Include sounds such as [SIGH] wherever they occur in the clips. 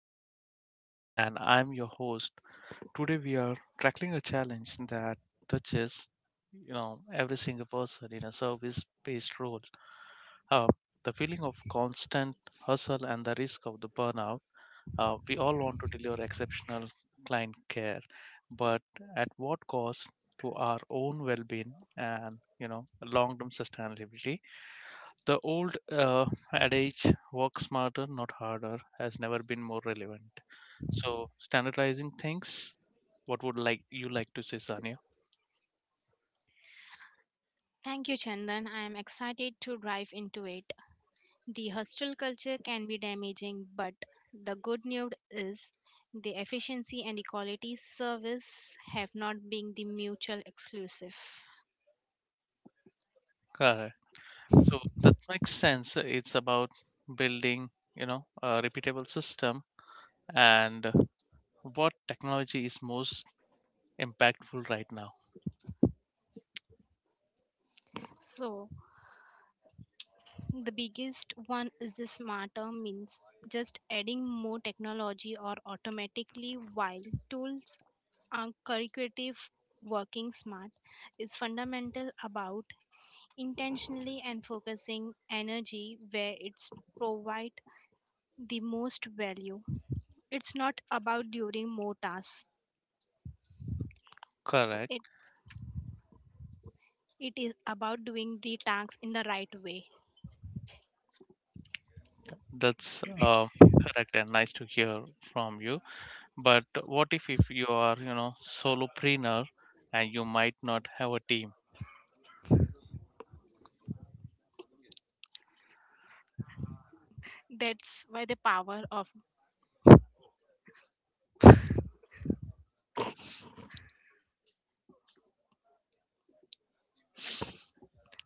name is Chandan and I'm your host. Today we are tackling a challenge that touches, you know, every single person in a service-based role. Uh, the feeling of constant hustle and the risk of the burnout. We all want to deliver exceptional client care, but at what cost to our own well-being and, you know, long-term sustainability? The old adage, work smarter, not harder, has never been more relevant. So, standardizing things, what would like you like to say, Sanya? Thank you, Chandan. I am excited to dive into it. The hostel culture can be damaging, but the good news is the efficiency and the quality service have not been the mutual exclusive. Correct. So, that makes sense. It's about building, you know, a repeatable system, and what technology is most impactful right now. So, the biggest one is the smarter means just adding more technology or automatically while tools are curricular, working smart is fundamental about intentionally and focusing energy where it's provide the most value. It's not about doing more tasks, Correct. it it is about doing the tasks in the right way. That's correct and nice to hear from you. But what if you are, you know, solopreneur and you might not have a team? That's why the power of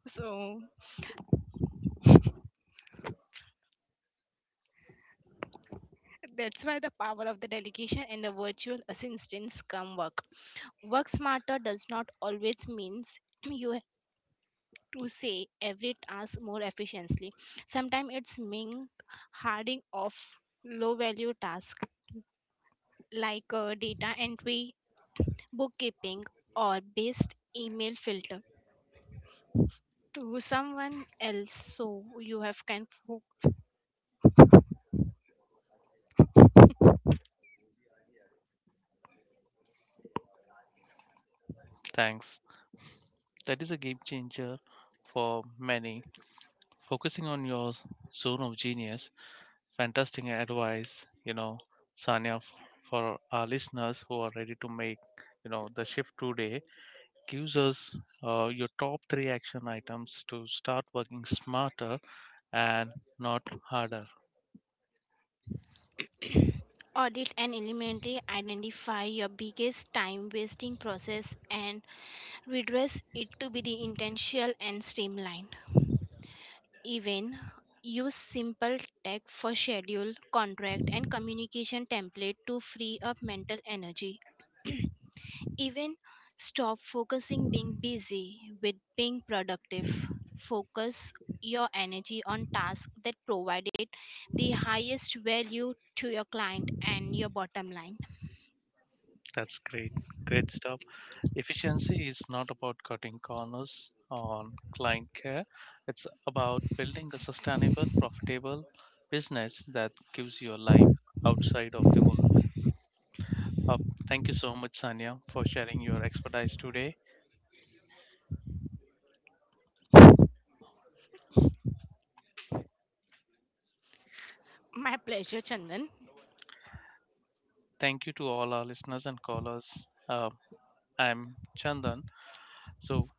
so that's why the power of the delegation and the virtual assistants come work smarter. Does not always means [CLEARS THROAT] you have to say every task more efficiently. Sometimes it's mean harding off low value task, like data entry, bookkeeping, or based email filter to someone else, so you have can fo- Thanks. That is a game changer for many. Focusing on your zone of genius, fantastic advice, you know, Sanya, for our listeners who are ready to make, you know, the shift today. Gives us your top three action items to start working smarter and not harder. [COUGHS] audit and eliminate, identify your biggest time wasting process and redress it to be the intentional and streamlined. Even use simple tech for schedule contract and communication template to free up mental energy. [COUGHS] [CLEARS THROAT] Even stop focusing being busy with being productive. Focus your energy on tasks that provided the highest value to your client and your bottom line. That's great. Great stuff. Efficiency is not about cutting corners on client care, it's about building a sustainable, profitable business that gives you a life outside of the work. Uh, Thank you so much, Sanya, for sharing your expertise today. My pleasure, Chandan. Thank you to all our listeners and callers. Uh, I'm Chandan. So,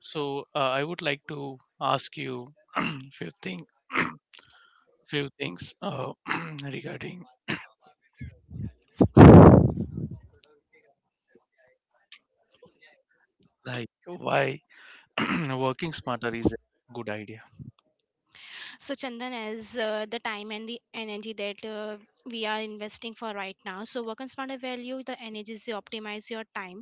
so, I would like to ask you [CLEARS THROAT] few things, [CLEARS THROAT] few things, [CLEARS THROAT] regarding like why [CLEARS THROAT] working smarter is a good idea. So Chandan, as the time and the energy that we are investing for right now, so work on smarter value the energies, you optimize your time.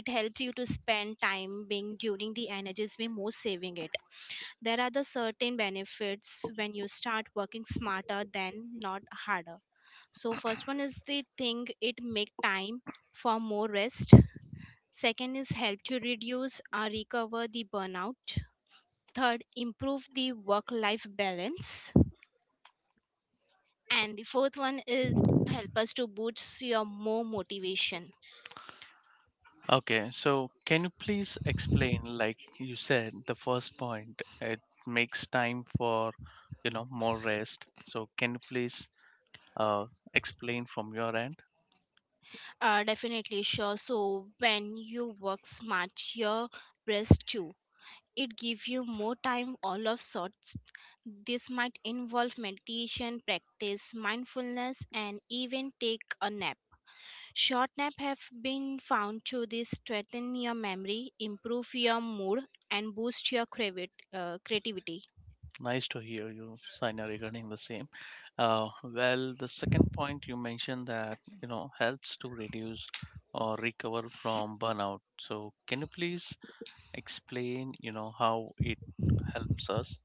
It helps you to spend time being during the energies we most saving it. There are the certain benefits when you start working smarter than not harder. So first one is the thing it make time for more rest. Second is help to reduce or recover the burnout. Third, improve the work life balance. And the fourth one is help us to boost your more motivation. Okay, so can you please explain, like you said, the first point, it makes time for, you know, more rest. So can you please uh, explain from your end? Definitely sure. So when you work smart, your rest too, it gives you more time all of sorts. This might involve meditation, practice mindfulness, and even take a nap. Short nap have been found to this strengthen your memory, improve your mood, and boost your creativity. Nice to hear you, Saina, regarding the same. Well, the second point you mentioned that, you know, helps to reduce or recover from burnout. So can you please explain, you know, how it helps us?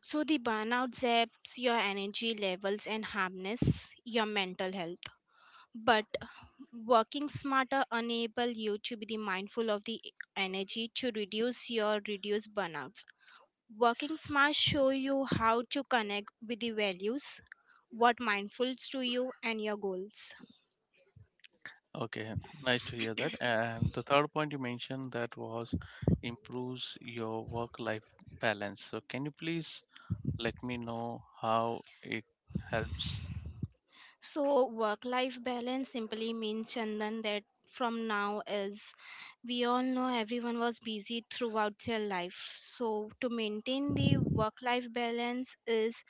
So the burnout zaps your energy levels and harness your mental health, but working smarter enable you to be the mindful of the energy to reduce your reduce burnout. Working smart show you how to connect with the values, what mindfuls to you and your goals. Okay, nice to hear that. And the third point you mentioned that was improves your work-life balance. So can you please let me know how it helps? So work life balance simply means, Chandan, that from now is we all know everyone was busy throughout their life. So to maintain the work life balance is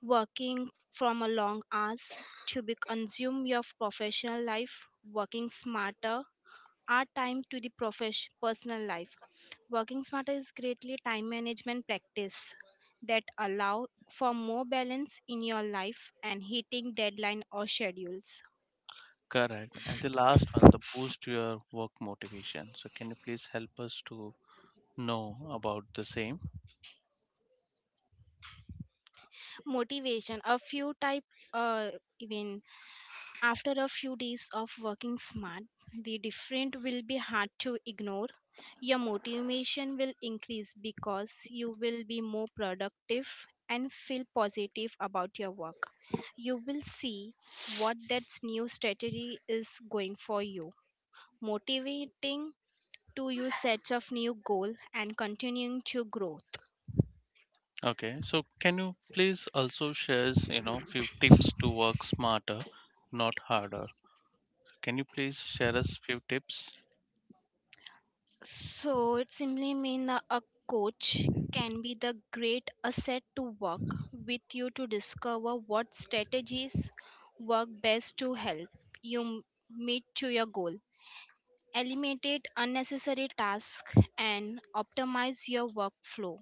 working from a long hours to be consume your professional life. Working smarter, our time to the profession personal life. Working smarter is greatly time management practice that allow for more balance in your life and hitting deadline or schedules. Correct. And the last one, the boost your work motivation. So can you please help us to know about the same? Motivation a few type, uh, even after a few days of working smart, the different will be hard to ignore. Your motivation will increase because you will be more productive and feel positive about your work. You will see what that new strategy is going for you, motivating to you sets of new goal and continuing to grow. Okay. So can you please also share, you know, few tips to work smarter, not harder? Can you please share us few tips? So it simply means a coach can be the great asset to work with you to discover what strategies work best to help you meet to your goal, eliminate unnecessary tasks, and optimize your workflow.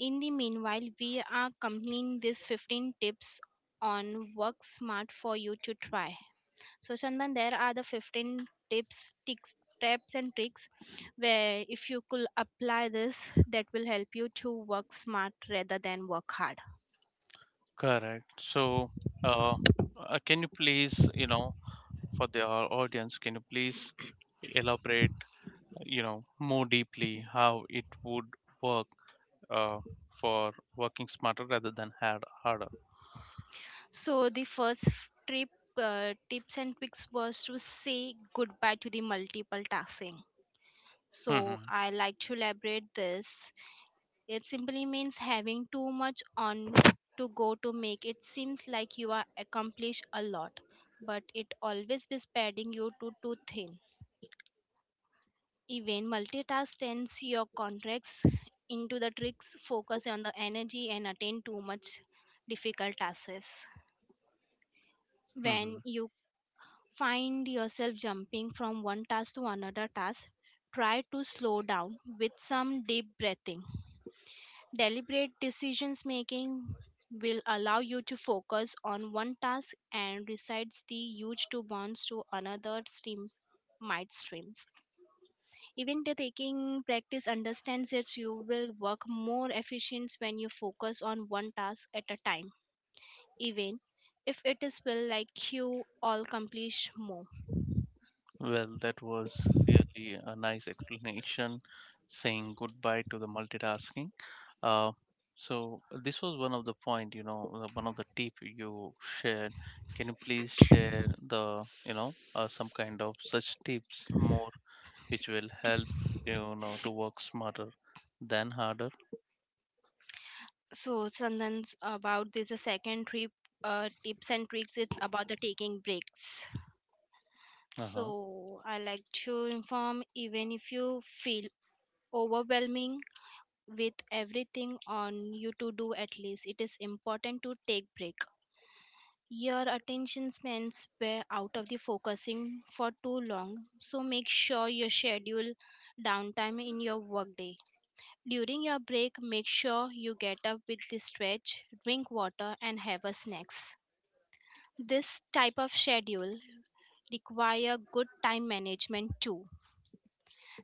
In the meanwhile, we are completing these 15 tips on work smart for you to try. So Chandan, there are the 15 tips, tics, tips and tricks where if you could apply this, that will help you to work smart rather than work hard. Correct. So, uh, can you please, you know, for the audience, can you please elaborate, you know, more deeply how it would work uh, for working smarter rather than harder? So the first trip, tips and tricks was to say goodbye to the multiple tasking. So I like to elaborate this. It simply means having too much on to go to make it seems like you are accomplished a lot, but it always be spreading you to too thin. Even multitask tends your contracts into the tricks, focus on the energy, and attend too much difficult tasks. When you find yourself jumping from one task to another task, try to slow down with some deep breathing. Deliberate decisions making will allow you to focus on one task and resides the huge two bonds to another stream might streams. Even the taking practice understands that you will work more efficient when you focus on one task at a time, even if it is will like you all accomplish more. Well, that was really a nice explanation saying goodbye to the multitasking. Uh, so this was one of the point, you know, one of the tip you shared. Can you please share the, you know, some kind of such tips more which will help, you know, to work smarter than harder. So Sandan's about this, the second trip tips and tricks, it's about the taking breaks. Uh huh. So I like to inform, even if you feel overwhelming with everything on you to do, at least it is important to take break. Your attention spans were out of the focusing for too long, so make sure you schedule downtime in your workday. During your break, make sure you get up with the stretch, drink water, and have a snacks. This type of schedule require good time management too.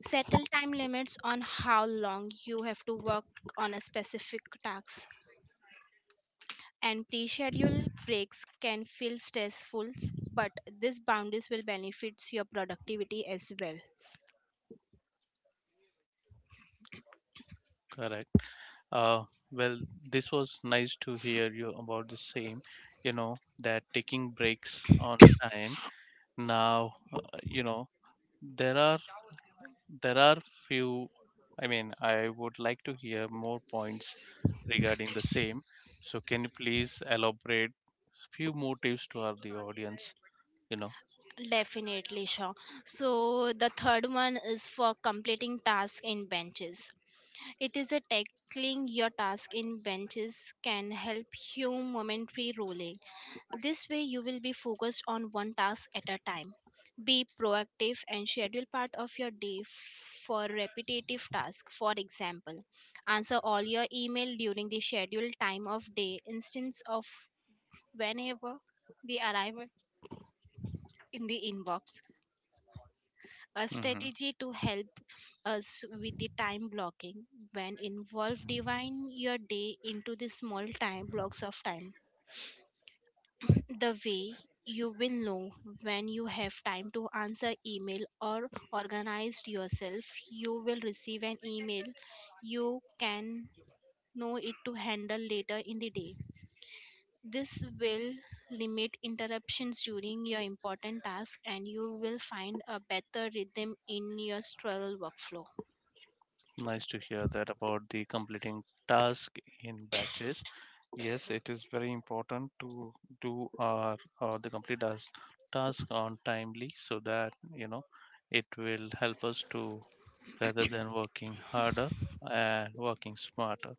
Settle time limits on how long you have to work on a specific task. And pre-scheduled breaks can feel stressful, but these boundaries will benefit your productivity as well. Correct. Uh, well, this was nice to hear you about the same. You know that taking breaks on time. Now, you know, there are there are few. I mean, I would like to hear more points regarding the same. So, can you please elaborate few more tips to our the audience? You know. Definitely, sure. So the third one is for completing tasks in benches. It is a tackling your task in benches can help you momentary rolling. This way, you will be focused on one task at a time. Be proactive and schedule part of your day for repetitive tasks. For example, answer all your email during the scheduled time of day instance of whenever the arrival in the inbox. A Hmm. strategy to help us with the time blocking when involve divine your day into the small time blocks of time. The way you will know when you have time to answer email or organized yourself, you will receive an email, you can know it to handle later in the day. This will limit interruptions during your important task and you will find a better rhythm in your struggle workflow. Nice to hear that about the completing task in batches. Yes, it is very important to do our or the complete task on timely so that, you know, it will help us to rather than working harder and working smarter.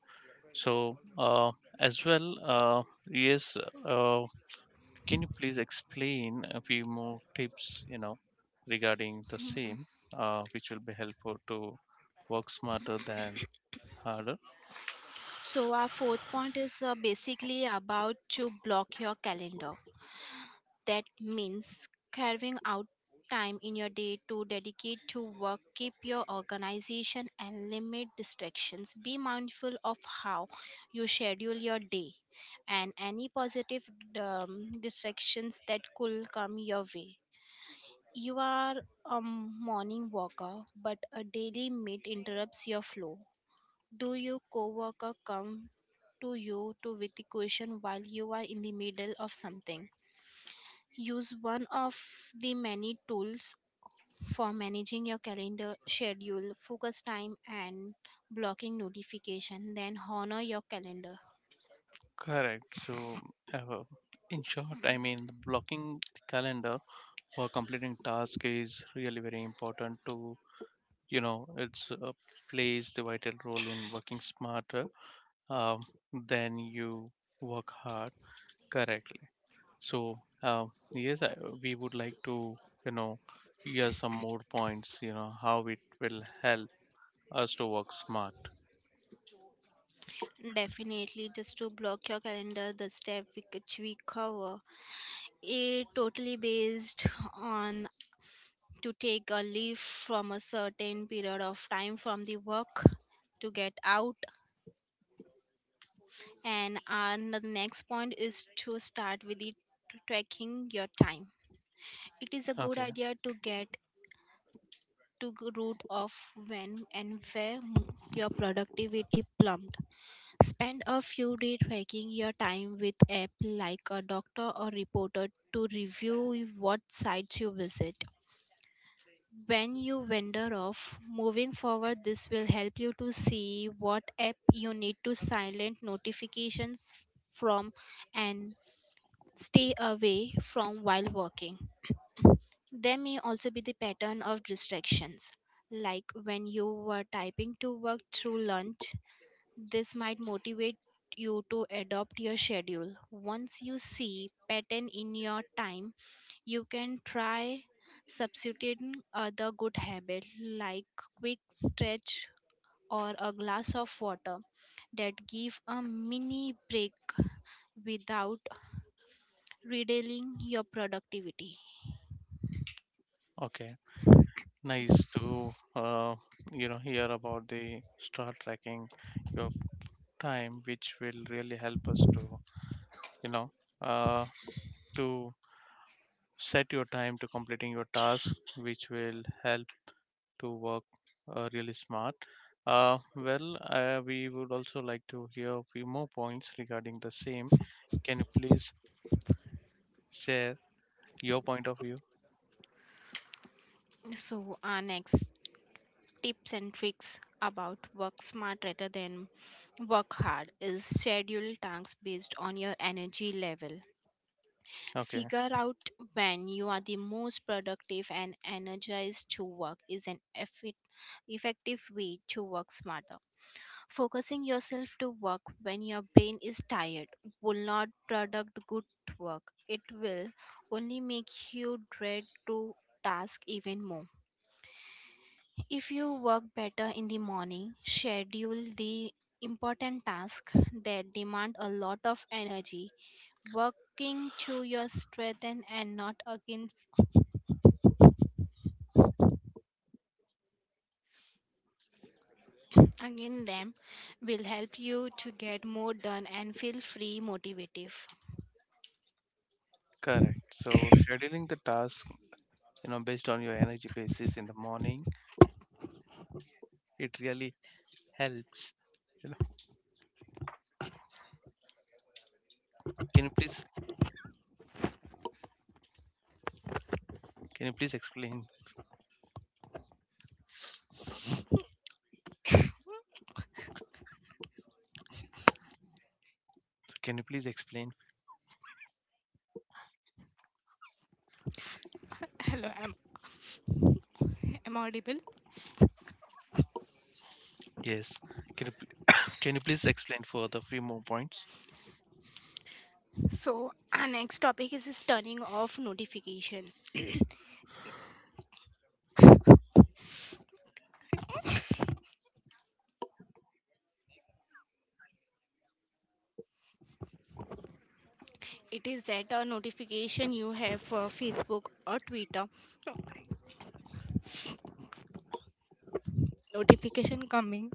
So as well, yes, uh, can you please explain a few more tips, you know, regarding the same, which will be helpful to work smarter than harder. So our fourth point is basically about to block your calendar. That means carving out time in your day to dedicate to work, keep your organization, and limit distractions. Be mindful of how you schedule your day and any positive distractions that could come your way. You are a morning walker, but a daily meet interrupts your flow. Do your coworker come to you to with the question while you are in the middle of something? Use one of the many tools for managing your calendar, schedule, focus time, and blocking notification. Then honor your calendar. Correct. So, uh, in short, I mean, the blocking the calendar for completing task is really very important to, you know, it's plays the vital role in working smarter um, than you work hard correctly. So, yes, we would like to, you know, hear some more points, you know, how it will help us to work smart. Definitely, just to block your calendar, the step which we cover, it totally based on to take a leave from a certain period of time from the work to get out. And the next point is to start with the tracking your time. It is a good Okay. idea to get took root of when and where your productivity plumbed. Spend a few days tracking your time with app like a doctor or reporter to review what sites you visit. When you wander off, moving forward, this will help you to see what app you need to silent notifications from and stay away from while working. There may also be the pattern of distractions, like when you were typing to work through lunch. This might motivate you to adopt your schedule. Once you see pattern in your time, you can try substituting other good habit like quick stretch or a glass of water that give a mini break without reducing your productivity. Okay, nice to you know, hear about the start tracking your time, which will really help us to, you know, uh, to set your time to completing your task, which will help to work really smart. Well, we would also like to hear a few more points regarding the same. Can you please share your point of view? So, our next tips and tricks about work smart rather than work hard is schedule tasks based on your energy level. Okay. Figure out when you are the most productive and energized to work is an effective way to work smarter. Focusing yourself to work when your brain is tired will not product good work, it will only make you dread to task even more. If you work better in the morning, schedule the important tasks that demand a lot of energy. Working to your strength and not against them will help you to get more done and feel free motivative. Correct. So scheduling the task, you know, based on your energy basis in the morning, it really helps. You know, can you please can you please explain? Can you please explain? Hello, am I audible? Yes. Can you, can you please explain further few more points? So our next topic is turning off notification. [CLEARS THROAT] It is that a notification you have for Facebook or Twitter, notification coming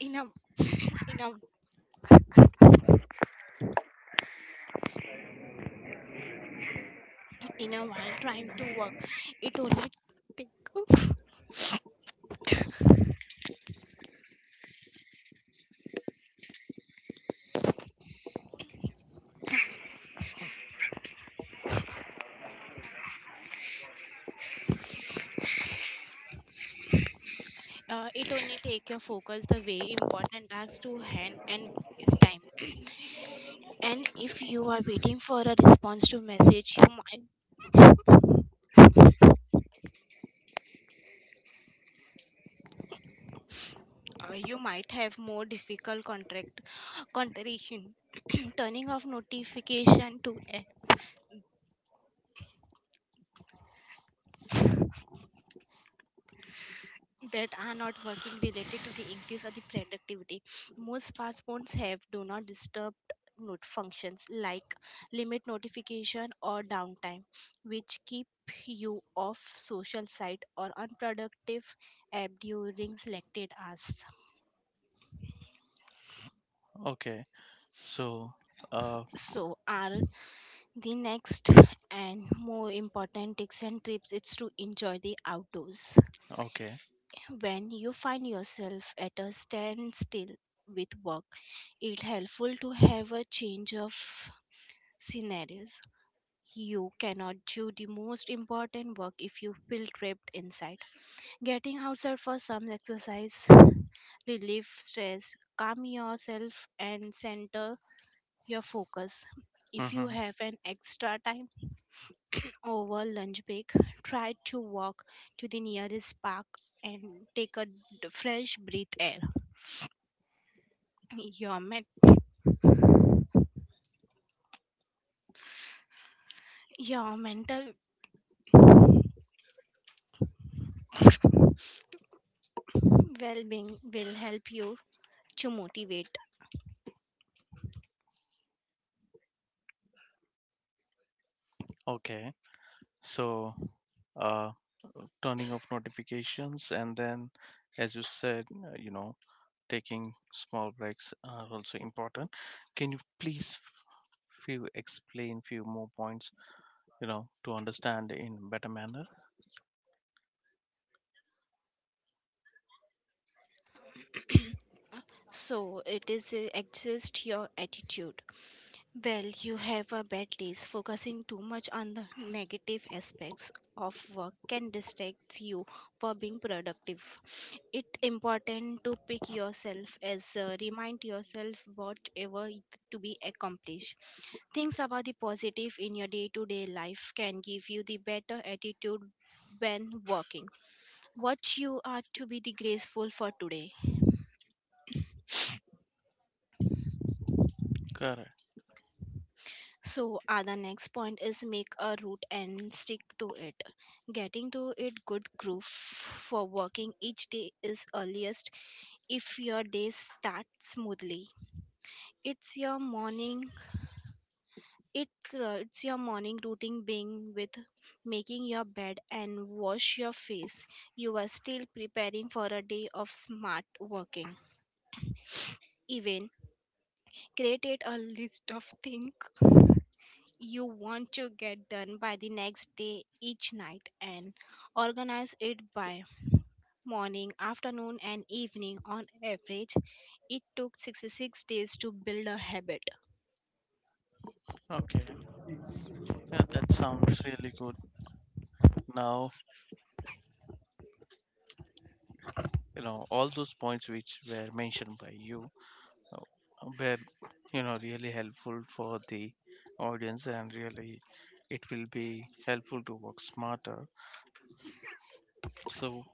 in a in a in a while trying to work, it only take it only take your focus the way important tasks to hand and is time. And if you are waiting for a response to message, you might have more difficult contract contradiction. [CLEARS THROAT] Turning off notification to that are not working related to the increase of the productivity. Most smartphones have do not disturb note functions like limit notification or downtime, which keep you off social site or unproductive app during selected hours. Okay. So, uh, So are the next and more important tips and trips is to enjoy the outdoors. okay. When you find yourself at a standstill with work, it's helpful to have a change of scenarios. You cannot do the most important work if you feel trapped inside. Getting outside for some exercise relieve stress, calm yourself and center your focus. If you Mm-hmm. have an extra time over lunch break, try to walk to the nearest park and take a fresh breath air. Your men- your mental [LAUGHS] well-being will help you to motivate. Okay. So, uh, turning off notifications, and then as you said, you know, taking small breaks are also important. Can you please few explain few more points, you know, to understand in better manner. So it is adjust your attitude. Well, you have a bad day. Focusing too much on the negative aspects of work can distract you for being productive. It's important to pick yourself as remind yourself whatever it to be accomplished. Things about the positive in your day to day life can give you the better attitude when working. What you are to be the graceful for today. Correct. So, the next point is make a route and stick to it. Getting to it good groove for working each day is earliest if your days start smoothly. It's your morning it's your morning routine being with making your bed and wash your face. You are still preparing for a day of smart working. Even created a list of things you want to get done by the next day each night and organize it by morning, afternoon and evening on average. It took 66 days to build a habit. Okay, yeah, that sounds really good. Now, you know, all those points which were mentioned by you uh, were, you know, really helpful for the audience, and really it will be helpful to work smarter. So,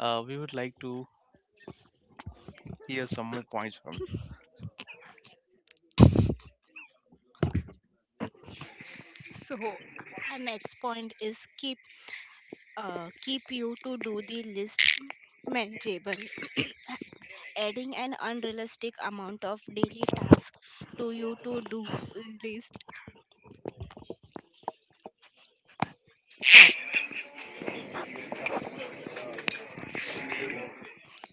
we would like to hear some more points from you. So our next point is keep you to do the list manageable. [CLEARS THROAT] Adding an unrealistic amount of daily tasks to your to do list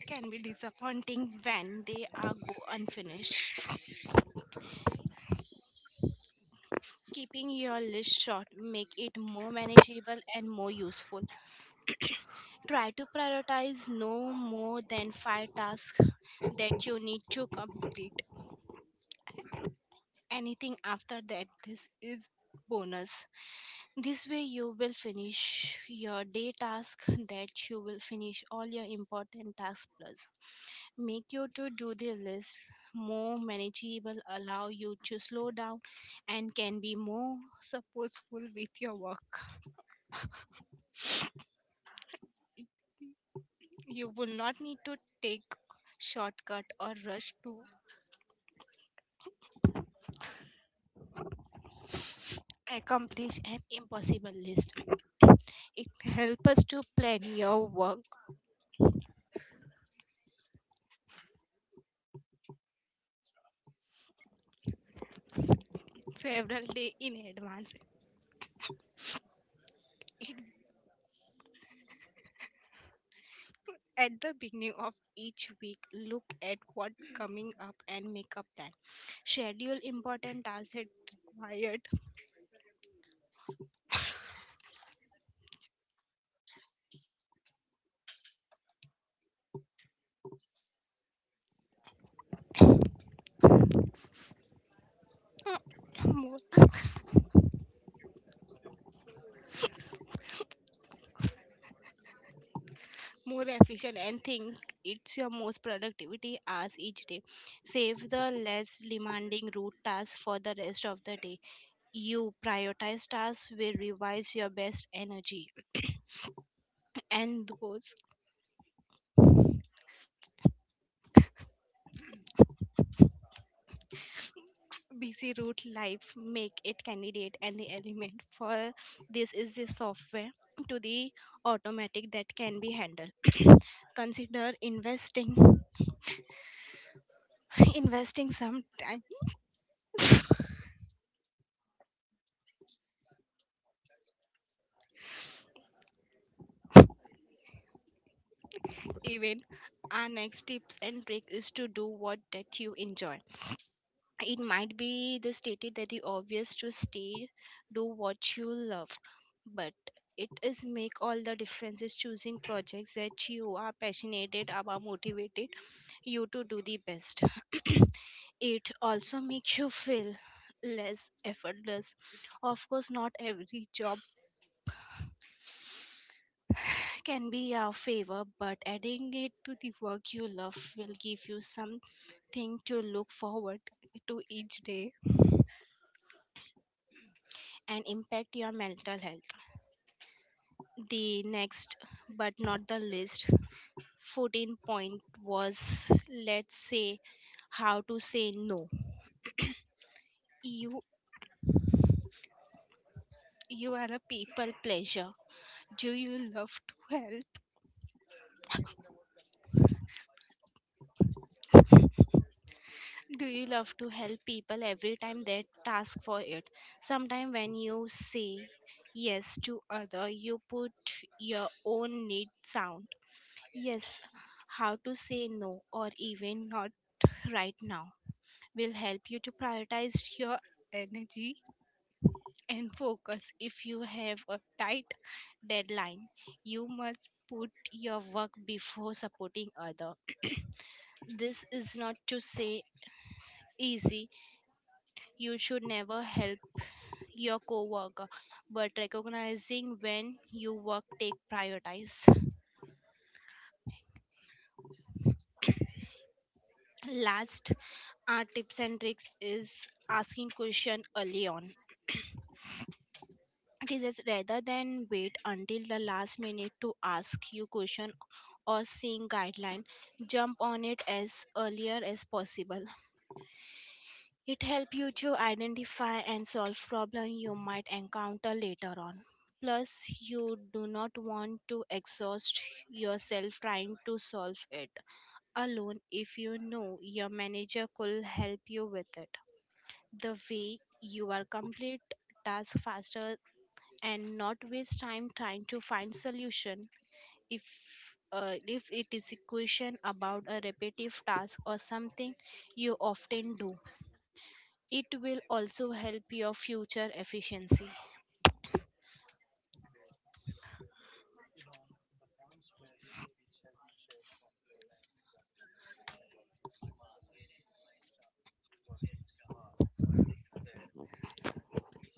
can be disappointing when they are go unfinished. Keeping your list short make it more manageable and more useful. Try to prioritize no more than 5 tasks that you need to complete. Anything after that, this is bonus. This way, you will finish your day task, that you will finish all your important tasks plus. Make your to do the list more manageable, allow you to slow down, and can be more purposeful with your work. You will not need to take shortcut or rush to accomplish an impossible list. It helps us to plan your work several days in advance. It, at the beginning of each week, look at what coming up and make a plan. Schedule important tasks that required [CLEARS THROAT] [COUGHS] more, more efficient and think it's your most productivity as each day. Save the less demanding root tasks for the rest of the day. You prioritize tasks will revise your best energy [CLEARS THROAT] [COUGHS] and those busy route life make it candidate and the element for this is the software to the automatic that can be handled. [COUGHS] Consider investing [LAUGHS] investing some time even. Our next tips and trick is to do what that you enjoy. It might be the stated that the obvious to stay, do what you love, but it is make all the differences. Choosing projects that you are passionate about motivated you to do the best. [CLEARS THROAT] It also makes you feel less effortless. Of course, not every job can be a favor, but adding it to the work you love will give you something to look forward to each day and impact your mental health. The next, but not the least, 14 point was let's say how to say no. You you are a people pleaser. Do you love to help? Do you love to help people every time they task for it? Sometimes when you say yes to other, you put your own need sound. Yes, how to say no or even not right now will help you to prioritize your energy and focus. If you have a tight deadline, you must put your work before supporting other. [COUGHS] [CLEARS THROAT] This is not to say easy. You should never help your coworker, but recognizing when you work take prioritize. Last, our tips and tricks is asking question early on. [CLEARS THROAT] It is just rather than wait until the last minute to ask you question or seeing guideline, jump on it as earlier as possible. It helps you to identify and solve problems you might encounter later on. Plus, you do not want to exhaust yourself trying to solve it alone if you know your manager could help you with it. The way you are complete task faster and not waste time trying to find solution. If uh, if it is a question about a repetitive task or something you often do, it will also help your future efficiency.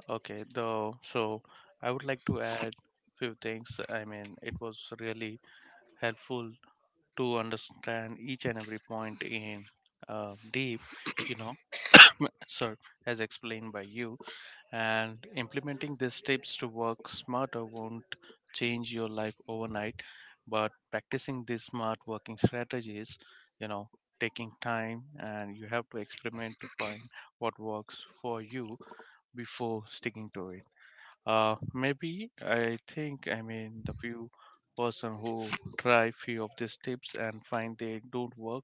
Okay, though, so I would like to add few things. I mean, it was really helpful to understand each and every point in deep, you know, so as explained by you, and implementing these tips to work smarter won't change your life overnight, but practicing these smart working strategies, you know, taking time and you have to experiment to find what works for you before sticking to it. Maybe I think, I mean, the few person who try few of these tips and find they don't work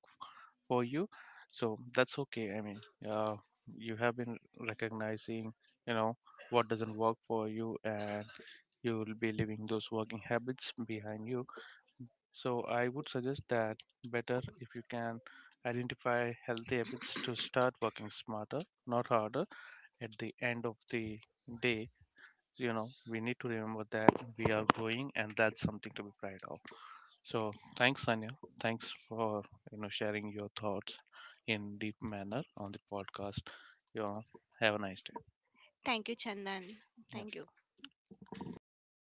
for you, so that's okay. I mean, uh, you have been recognizing, you know, what doesn't work for you, and you will be leaving those working habits behind you. So I would suggest that better if you can identify healthy habits to start working smarter, not harder. At the end of the day, you know, we need to remember that we are growing and that's something to be proud of. So thanks, Sanya, thanks for, you know, sharing your thoughts in deep manner on the podcast, you know. Have a nice day. Thank you, Chandan. Thank you.